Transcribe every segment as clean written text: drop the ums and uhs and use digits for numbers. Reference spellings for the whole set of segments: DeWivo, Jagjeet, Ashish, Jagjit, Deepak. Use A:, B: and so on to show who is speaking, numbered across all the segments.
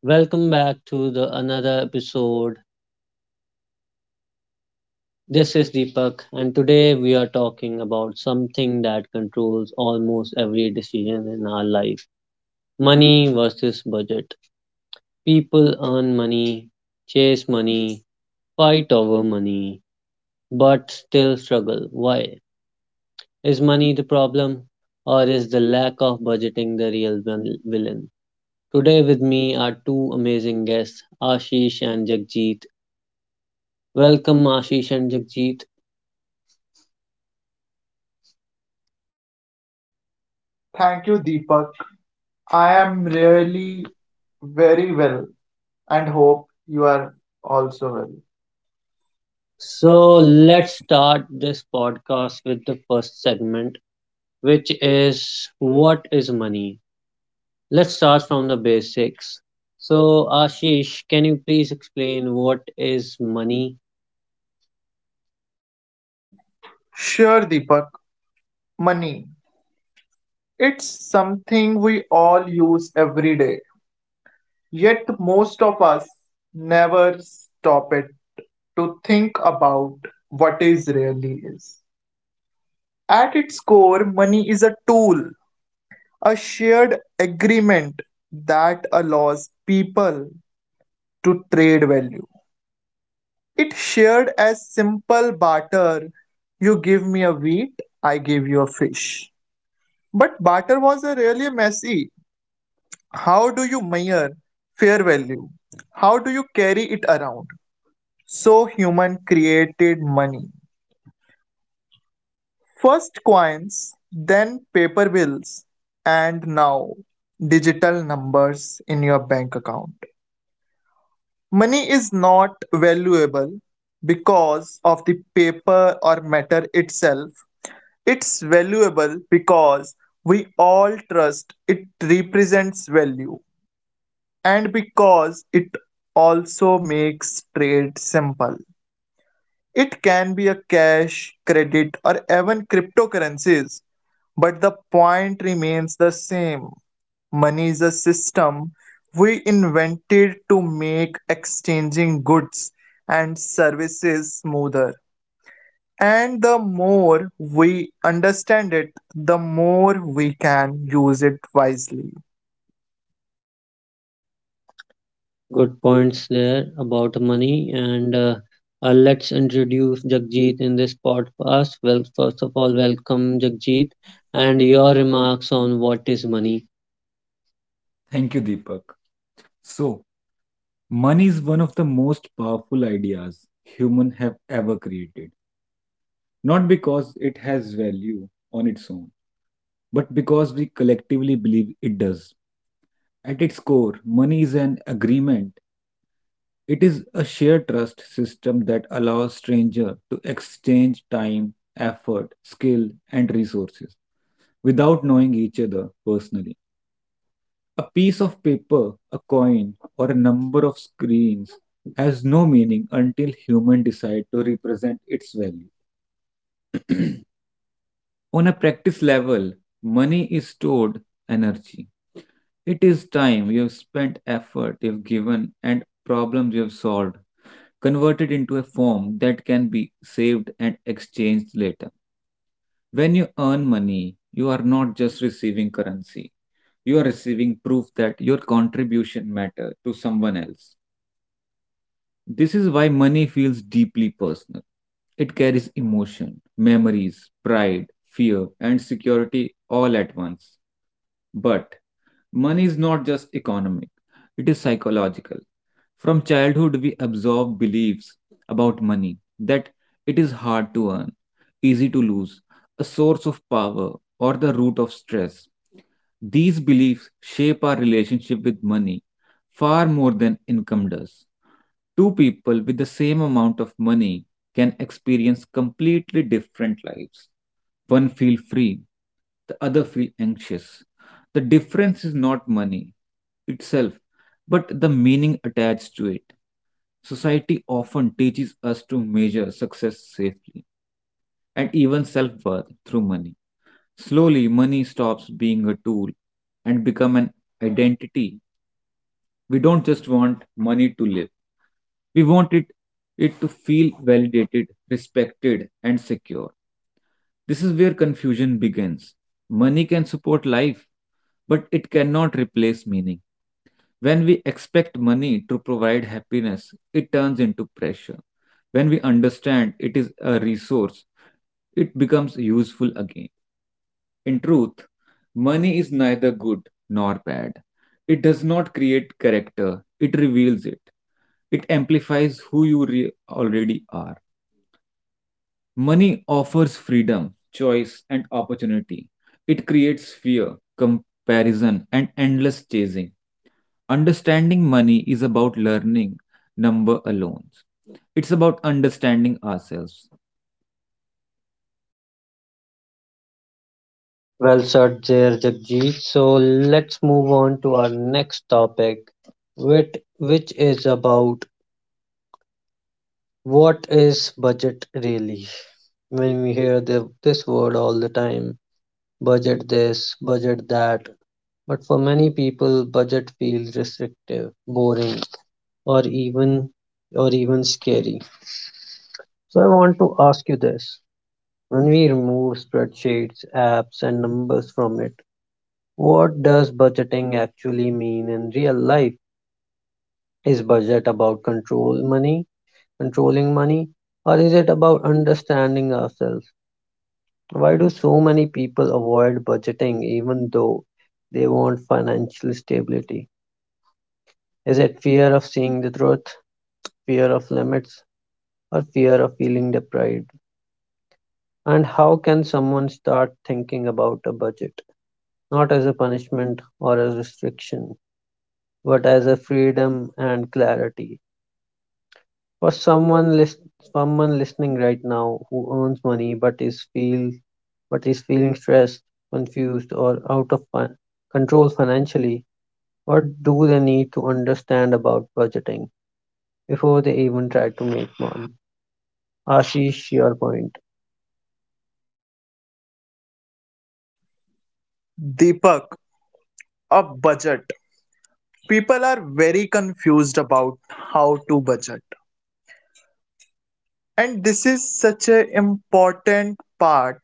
A: Welcome back to the another episode. This is Deepak, and today we are talking about something that controls almost every decision in our life. Money versus budget. People earn money, chase money, fight over money, but still struggle. Why? Is money the problem, or is the lack of budgeting the real villain? Today with me are two amazing guests, Ashish and Jagjit. Welcome, Ashish and Jagjit.
B: Thank you, Deepak. I am really very well and hope you are also well.
A: So
B: So
A: let's
B: let's
A: start this podcast with the first segment, which is, what is money? Let's start from the basics. So, Ashish, can you please explain what is money?
B: Sure, Deepak. Money. It's something we all use every day, yet most of us never stop it to think about what is really is. At its core, money is a tool, a shared agreement that allows people to trade value. It shared as simple barter. You give me a wheat, I give you a fish. But barter was a really messy. How do you measure fair value? How do you carry it around? So human created money. First coins, then paper bills, and now digital numbers in your bank account. Money is not valuable because of the paper or matter itself. It's valuable because we all trust it represents value and because it also makes trade simple. It can be a cash, credit, or even cryptocurrencies, but the point remains the same. Money is a system we invented to make exchanging goods and services smoother. And the more we understand it, the more we can use it wisely.
A: Good points there about money, and let's introduce Jagjit in this podcast. Well, first of all, welcome
C: Jagjeet,
A: Jagjit, and
C: and
A: your
C: your remarks.
A: remarks on what is money.
C: Thank you, Deepak. So, money is one of the most powerful ideas human have ever created. Not because it has value on its own, but because we collectively believe it does. At its core, money is an agreement. It is a shared trust system that allows stranger to exchange time, effort, skill, and resources without knowing each other personally. A piece of paper, a coin, or a number of screens has no meaning until humans decide to represent its value. On a practice level, money is stored energy. It is time you have spent, effort you have given, and problems you have solved, converted into a form that can be saved and exchanged later. When you earn money, you are not just receiving currency, you are receiving proof that your contribution matter to someone else. This is why money feels deeply personal. It carries emotion, memories, pride, fear, and security all at once. But money is not just economic, it is psychological. From childhood, we absorb beliefs about money that it is hard to earn, easy to lose, a source of power, or the root of stress. These beliefs shape our relationship with money far more than income does. Two people with the same amount of money can experience completely different lives. One feel free, the other feel anxious. The difference is not money itself, but the meaning attached to it. Society often teaches us to measure success safely and even self worth through money. Slowly, money stops being a tool and become an identity. We don't just want money to live. We want it to feel validated, respected, and secure. This is where confusion begins. Money can support life, but it cannot replace meaning. When we expect money to provide happiness, it turns into pressure. When we understand it is a resource, it becomes useful again. In truth, money is neither good nor bad. It does not create character, it reveals it. It amplifies who already are. Money offers freedom, choice, and opportunity. It creates fear, comparison, and endless chasing. Understanding money is about learning number alone. It's about understanding ourselves.
A: Well said there, Jagjeet. So let's move on to our next topic, which is about, what is budget really? When we hear this word all the time, budget this, budget that. But for many people, budget feels restrictive, boring, or even or even scary. So I want to ask you this. When we remove spreadsheets, apps, and numbers from it, what does budgeting actually mean in real life? Is budget about controlling money, or is it about understanding ourselves? Why do so many people avoid budgeting even though they want financial stability? Is it fear of seeing the truth, fear of limits, or fear of feeling deprived? And how can someone start thinking about a budget? Not as a punishment or a restriction, but as a freedom and clarity. For someone listening right now who earns money but is feeling stressed, confused, or control financially, what do they need to understand about budgeting before they even try to make one? Ashish, your point.
B: Deepak, a budget. People are very confused about how to budget. And this is such an important part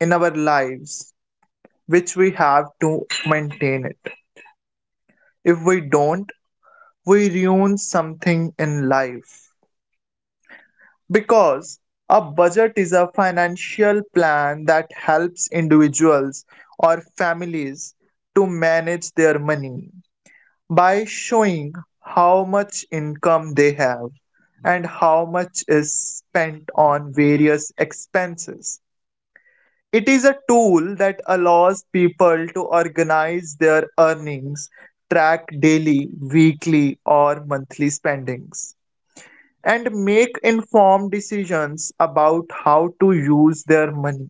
B: in our lives, which we have to maintain it. If we don't, we ruin something in life. Because a budget is a financial plan that helps individuals or families to manage their money by showing how much income they have and how much is spent on various expenses. It is a tool that allows people to organize their earnings, track daily, weekly, or monthly spendings and make informed decisions about how to use their money.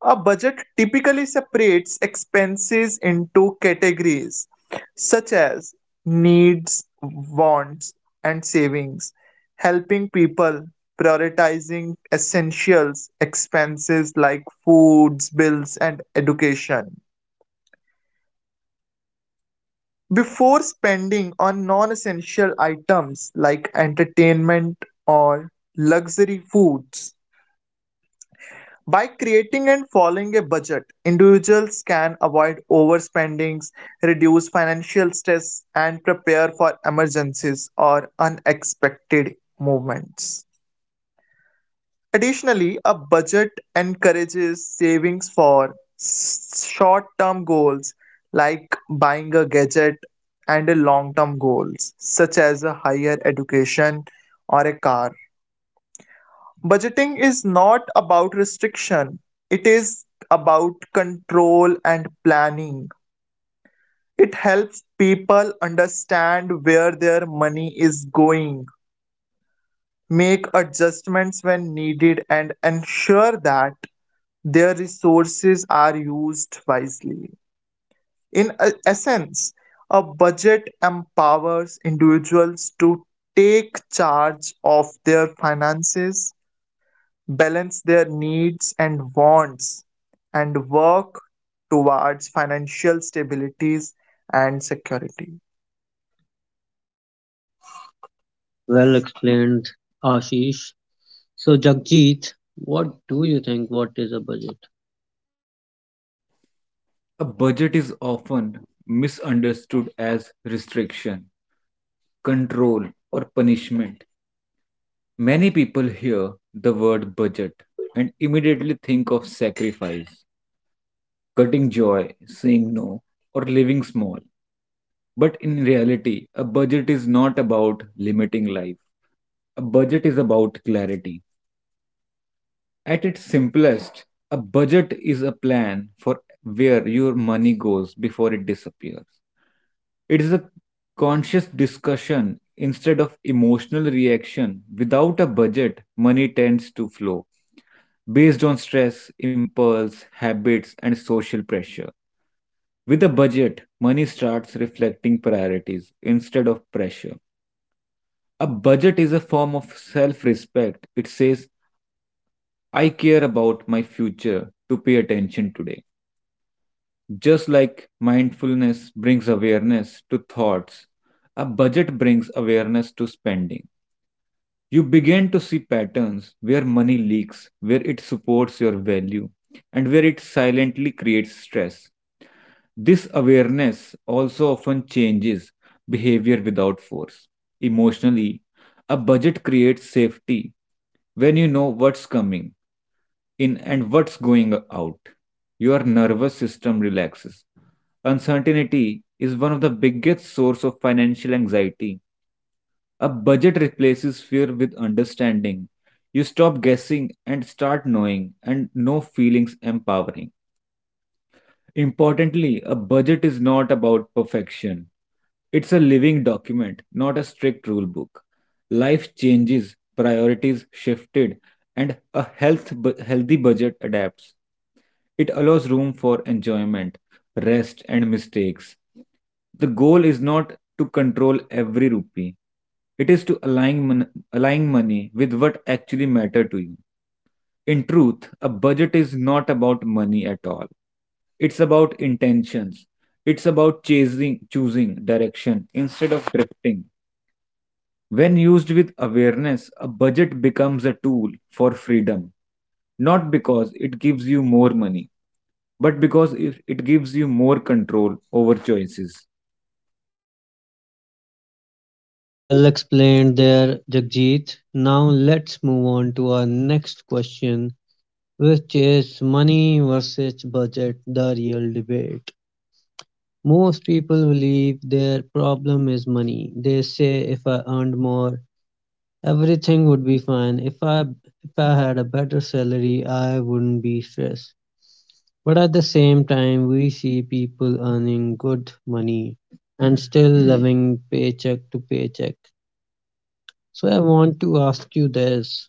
B: A budget typically separates expenses into categories such as needs, wants, and savings, helping people prioritizing essentials expenses like foods, bills, and education. Before spending on non essential items like entertainment or luxury foods, by creating and following a budget, individuals can avoid overspendings, reduce financial stress, and prepare for emergencies or unexpected movements. Additionally, a budget encourages savings for short term goals like buying a gadget and long term goals such as a higher education or a car. Budgeting is not about restriction, it is about control and planning. It helps people understand where their money is going, make adjustments when needed, and ensure that their resources are used wisely. Essence, a budget empowers individuals to take charge of their finances, balance their needs and wants, and work towards financial stabilities and security.
A: Well explained, Ashish. So, Jagjit, what do you think? What is a budget?
C: A budget is often misunderstood as restriction, control, or punishment. Many people hear the word budget and immediately think of sacrifice, cutting joy, saying no, or living small. But in reality, a budget is not about limiting life. A budget is about clarity. At its simplest, a budget is a plan for where your money goes before it disappears. It is a conscious discussion instead of emotional reaction. Without a budget, money tends to flow based on stress, impulse, habits, and social pressure. With a budget, money starts reflecting priorities instead of pressure. A budget is a form of self respect. It says, I care about my future to pay attention today. Just like mindfulness brings awareness to thoughts, a budget brings awareness to spending. You begin to see patterns where money leaks, where it supports your value, and where it silently creates stress. This awareness also often changes behavior without force. Emotionally, a budget creates safety when you know what's coming in and what's going out. Your nervous system relaxes. Uncertainty is one of the biggest source of financial anxiety. A budget replaces fear with understanding. You stop guessing and start knowing and no feelings empowering. Importantly, a budget is not about perfection. It's a living document, not a strict rule book. Life changes, priorities shifted, and a healthy budget adapts. It allows room for enjoyment, rest, and mistakes. The goal is not to control every rupee. It is to align money with what actually matter to you. In truth, a budget is not about money at all. It's about intentions. It's about chasing, choosing direction instead of drifting. When used with awareness, a budget becomes a tool for freedom, not because it gives you more money, but because it gives you more control over choices.
A: Well explained there, Jagjit. Now, let's move on to our next question, which is, money versus budget, the real debate? Most people believe their problem is money. They say, if I earned more, everything would be fine. If I had a better salary, I wouldn't be stressed. But at the same time, we see people earning good money and still living paycheck to paycheck. So I want to ask you this.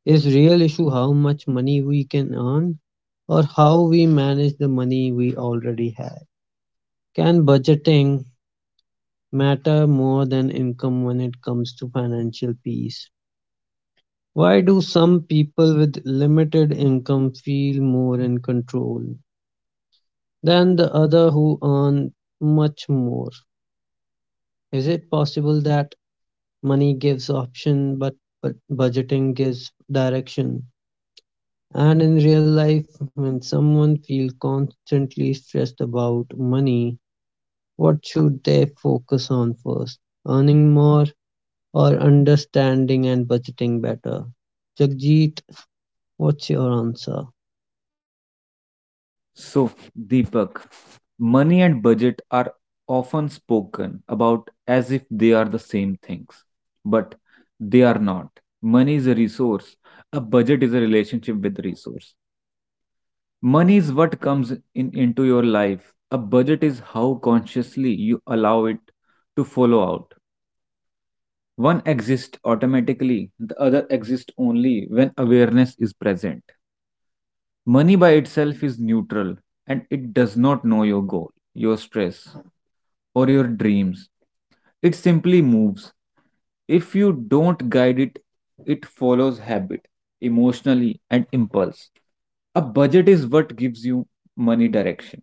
A: Is real issue how much money we can earn, or how we manage the money we already have? Can budgeting matter more than income when it comes to financial peace? Why do some people with limited income feel more in control than the other who earn much more? Is it possible that money gives option but budgeting gives direction? And in real life, when someone feels constantly stressed about money, what should they focus on first? Earning more, or understanding and budgeting better? Jagjeet, what's your answer?
C: So, Deepak, money and budget are often spoken about as if they are the same things, but they are not. Money is a resource, a budget is a relationship with the resource. Money is what comes in into your life. A budget is how consciously you allow it to follow out. One exists automatically, the other exists only when awareness is present. Money by itself is neutral and it does not know your goal, your stress, or your dreams. It simply moves. If you don't guide it, it follows habit, emotionally, and impulse. A budget is what gives you money direction.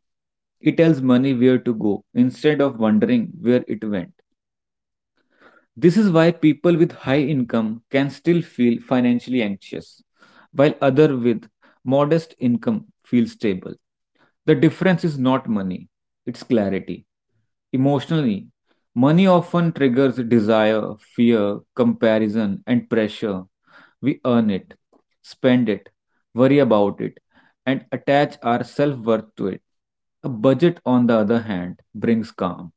C: It tells money where to go instead of wondering where it went. This is why people with high income can still feel financially anxious, while others with modest income feel stable. The difference is not money, it's clarity. Emotionally, money often triggers desire, fear, comparison, and pressure. We earn it, spend it, worry about it, and attach our self worth to it. A budget, on the other hand, brings calm.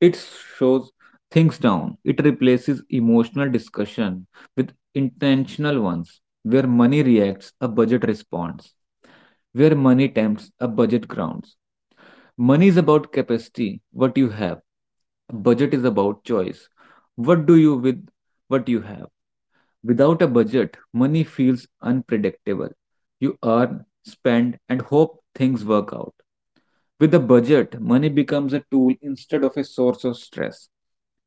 C: It shows things down. It replaces emotional discussion with intentional ones, where money reacts, a budget responds. Where money tempts, a budget grounds. Money is about capacity, what you have. A budget is about choice. What do you with what you have? Without a budget, money feels unpredictable. You earn, spend, and hope things work out. With a budget, money becomes a tool instead of a source of stress.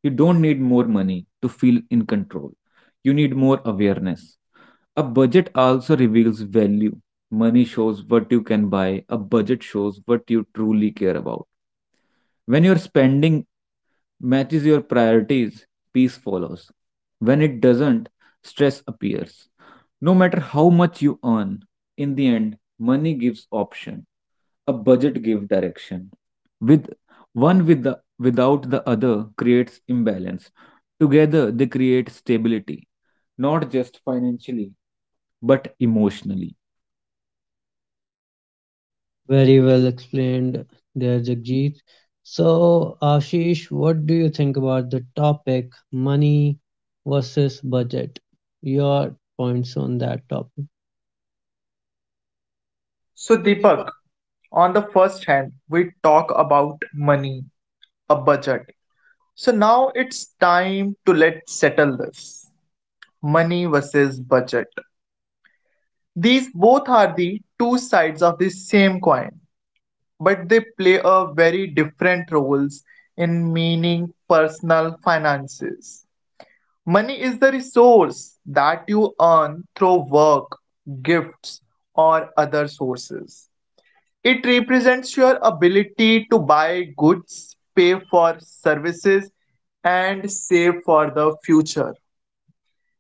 C: You don't need more money to feel in control. You need more awareness. A budget also reveals value. Money shows what you can buy. A budget shows what you truly care about. When you're spending matches your priorities, peace follows. When it doesn't, stress appears. No matter how much you earn, in the end, money gives option. A budget gives direction. With without the other creates imbalance. Together they create stability, not just financially, but emotionally.
A: Very well explained there, Jagjeet. So, Ashish, what do you think about the topic money versus budget? Your points on that topic.
B: So, Deepak, on the first hand, we talk about money, a budget. So, now it's time to let's settle this money versus budget. These both are the two sides of the same coin, but they play a very different roles in meaning personal finances. Money is the resource that you earn through work, gifts, or other sources. It represents your ability to buy goods, pay for services, and save for the future.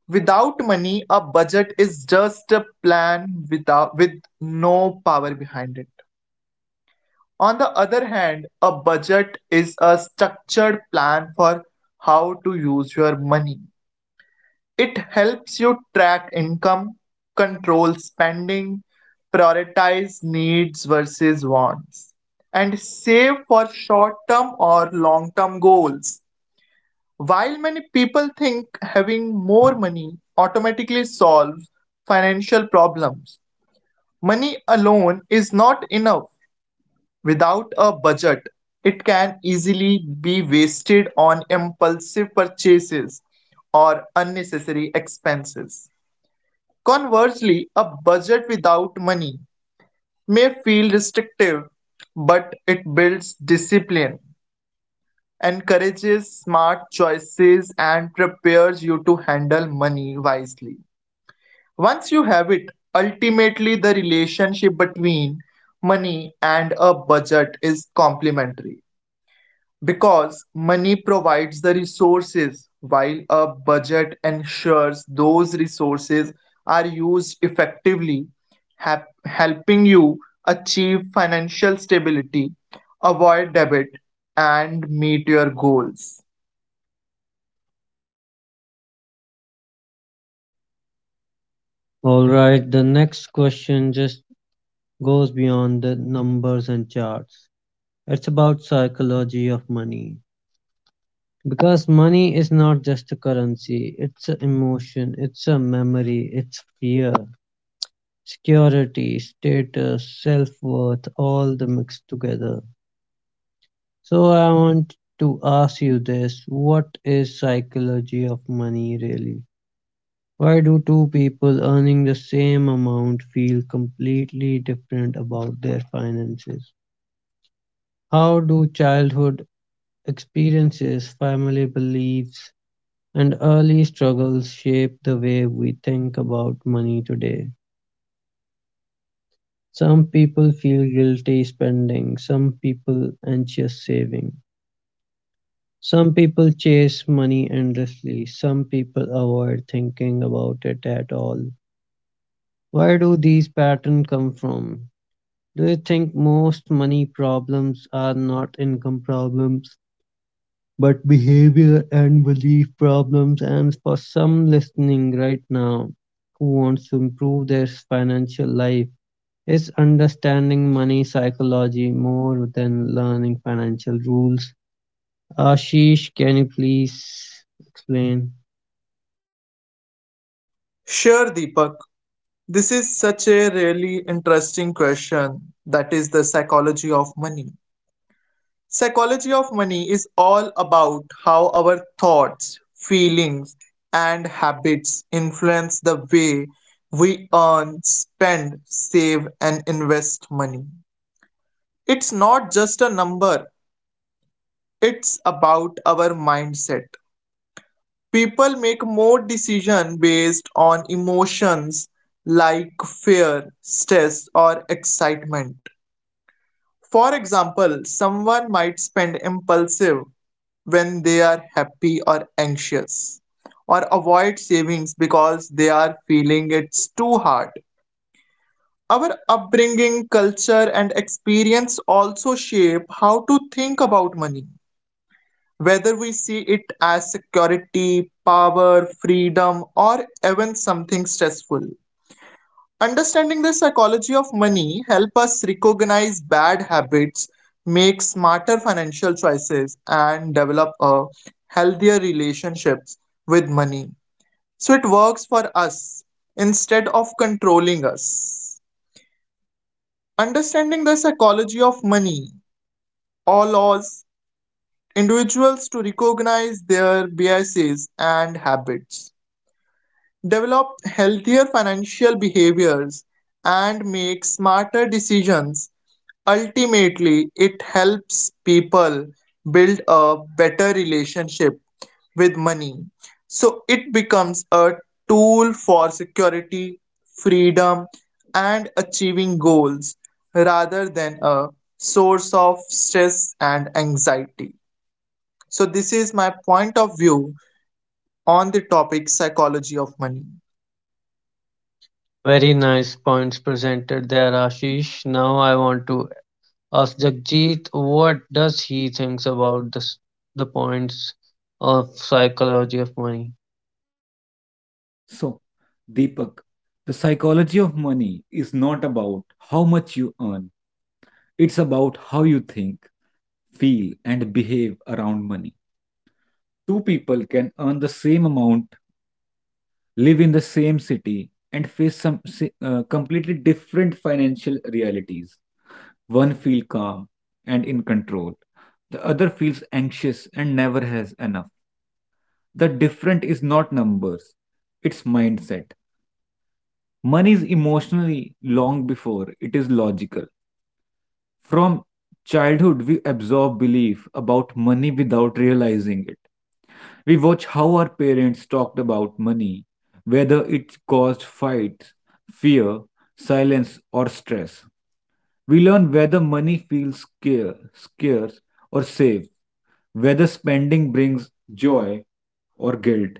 B: Without money, a budget is just a plan with no power behind it. On the other hand, a budget is a structured plan for how to use your money. It helps you track income, control spending, prioritize needs versus wants, and save for short term or long term goals. While many people think having more money automatically solves financial problems, money alone is not enough. Without a budget, it can easily be wasted on impulsive purchases or unnecessary expenses. Conversely, a budget without money may feel restrictive, but it builds discipline, encourages smart choices, and prepares you to handle money wisely. Once you have it, ultimately the relationship between money and a budget is complementary. Because money provides the resources, while a budget ensures those resources are used effectively, helping you achieve financial stability, avoid debt, and meet your goals.
A: All right, the next question just goes beyond the numbers and charts. It's about psychology of money. Because money is not just a currency, it's an emotion, it's a memory, it's fear, security, status, self-worth, all the mixed together. So I want to ask you this, what is psychology of money really? Why do two people earning the same amount feel completely different about their finances? How do childhood experiences, family beliefs, and early struggles shape the way we think about money today. Some people feel guilty spending, some people anxious saving. Some people chase money endlessly, some people avoid thinking about it at all. Where do these patterns come from? Do you think most money problems are not income problems, but behavior and belief problems? And for some listening right now who wants to improve their financial life, it's understanding money psychology more than learning financial rules. Ashish, can you please explain?
B: Sure, Deepak. This is such a really interesting question that is the psychology of money. Psychology of money is all about how our thoughts, feelings, and habits influence the way we earn, spend, save, and invest money. It's not just a number, it's about our mindset. People make more decisions based on emotions like fear, stress, or excitement. For example, someone might spend impulsive when they are happy or anxious, or avoid savings because they are feeling it's too hard. Our upbringing, culture, and experience also shape how to think about money, whether we see it as security, power, freedom, or even something stressful. Understanding the psychology of money help us recognize bad habits, make smarter financial choices, and develop a healthier relationships with money. So it works for us instead of controlling us. Understanding the psychology of money allows individuals to recognize their biases and habits, develop healthier financial behaviors, and make smarter decisions. Ultimately, it helps people build a better relationship with money. So it becomes a tool for security, freedom, and achieving goals rather than a source of stress and anxiety. So, this is my point of view on the topic psychology of money.
A: Very nice points presented there, Ashish. Now I want to ask Jagjit what does he thinks about this, the points of psychology of money.
C: So, Deepak, the psychology of money is not about how much you earn. It's about how you think feel, and behave around money. Two people can earn the same amount, live in the same city, and face completely different financial realities. One feels calm and in control, the other feels anxious and never has enough. The different is not numbers, it's mindset. Money is emotionally long before it is logical. From childhood, we absorb belief about money without realizing it. We watch how our parents talked about money, whether it caused fights, fear, silence, or stress. We learn whether money feels scarce or safe, whether spending brings joy or guilt,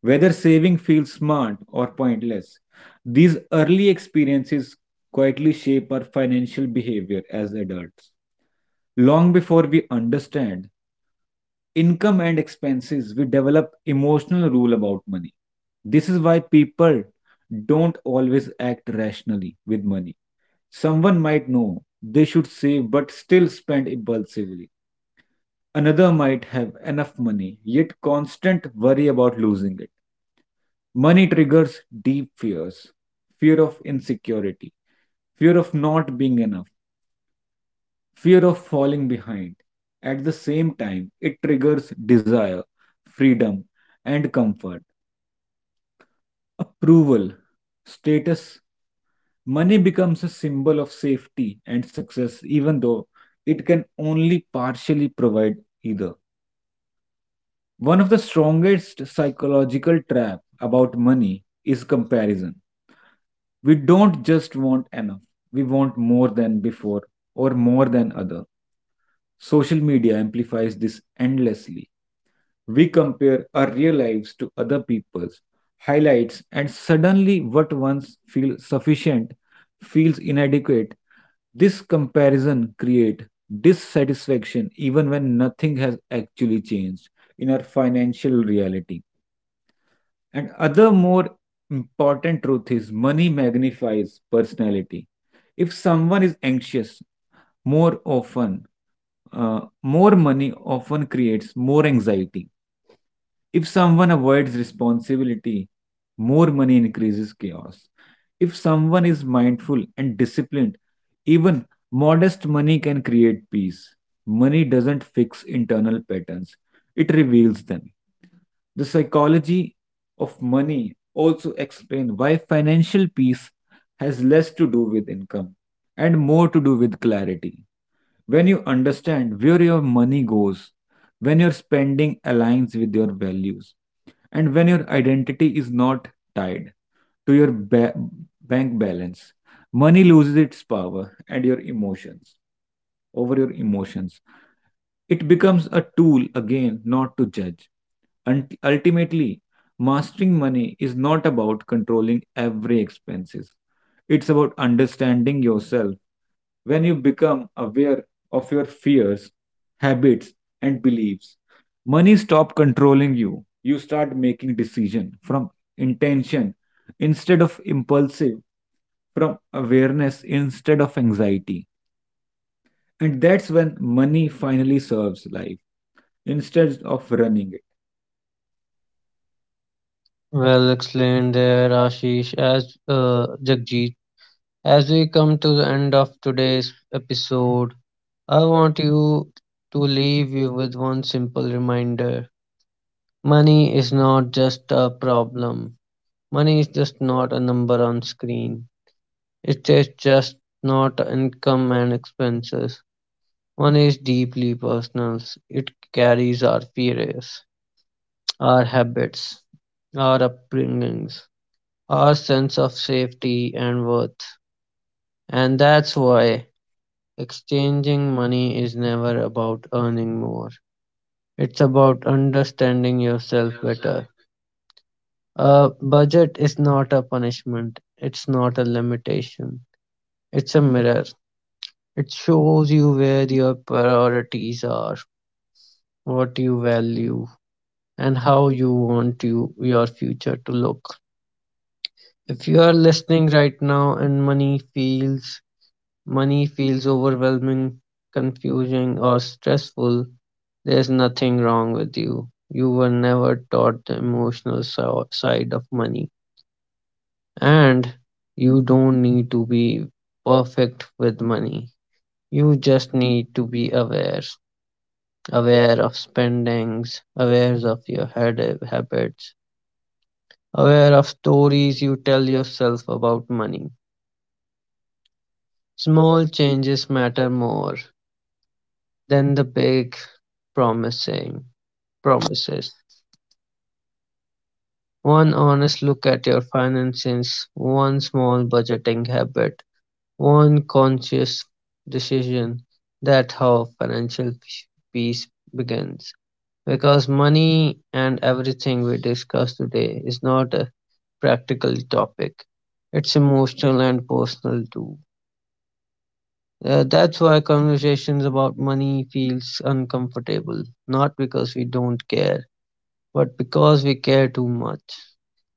C: whether saving feels smart or pointless. These early experiences quietly shape our financial behavior as adults. Long before we understand income and expenses, we develop emotional rule about money. This is why people don't always act rationally with money. Someone might know they should save but still spend impulsively. Another might have enough money yet constant worry about losing it. Money triggers deep fears fear of insecurity, fear of not being enough, fear of falling behind. At the same time, it triggers desire, freedom, and comfort, approval, status. Money becomes a symbol of safety and success, even though it can only partially provide either. One of the strongest psychological trap about money is comparison. We don't just want enough, we want more than before or more than other. Social media amplifies this endlessly. We compare our real lives to other people's highlights, and suddenly what once feels sufficient feels inadequate. This comparison creates dissatisfaction even when nothing has actually changed in our financial reality. And other more important truth is money magnifies personality. If someone is anxious more often, more money often creates more anxiety if someone avoids responsibility, more money increases chaos. If someone is mindful and disciplined, even modest money can create peace. Money doesn't fix internal patterns, it reveals them. The psychology of money also explains why financial peace has less to do with income and more to do with clarity. When you understand where your money goes, when your spending aligns with your values, and when your identity is not tied to your bank balance, money loses its power and your emotions over your emotions. It becomes a tool again not to judge. And ultimately, mastering money is not about controlling every expenses. It's about understanding yourself. When you become aware of your fears, habits, and beliefs. Money stop controlling you. You start making decision from intention instead of impulsive, from awareness instead of anxiety. And that's when money finally serves life instead of running it.
A: Well explained there, Ashish, as Jagjit. As we come to the end of today's episode, I want you to leave you with one simple reminder. Money is not just a problem. Money is just not a number on screen. It is just not income and expenses. Money is deeply personal. It carries our fears, our habits, our upbringings, our sense of safety and worth. And that's why exchanging money is never about earning more. It's about understanding yourself better. A budget is not a punishment, it's not a limitation, it's a mirror. It shows you where your priorities are, what you value, and how your future to look. If you are listening right now and money feels overwhelming, confusing, or stressful, there's nothing wrong with you. You were never taught the side of money. And you don't need to be perfect with money. You just need to be aware. Aware of spendings, aware of your habits, aware of stories you tell yourself about money. Small changes matter more than the big promising. Promises, one honest look at your finances, one small budgeting habit, one conscious decision. That's how financial peace begins. Because money and everything we discuss today is not a practical topic, it's emotional and personal too. That's why conversations about money feels uncomfortable, not because we don't care, but because we care too much.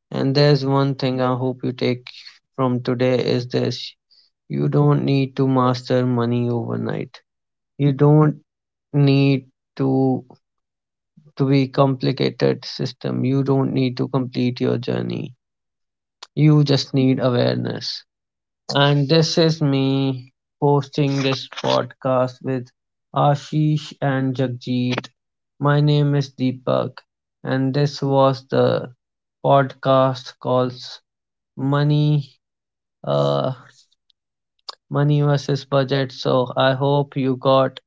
A: And there's one thing I hope you take from today is this. You don't need to master money overnight. You don't need to to be complicated system. You don't need to complete your journey. You just need awareness. And this is me hosting this podcast with Ashish and Jagjit. My name is Deepak, and this was the podcast called Money, uh, money versus budget. So I hope you got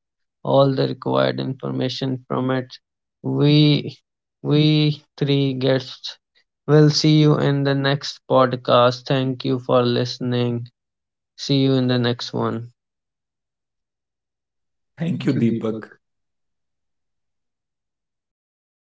A: all the required information from it. We we three guests will see you in the next podcast. Thank you for listening. See you in the next one.
C: Thank you, Deepak.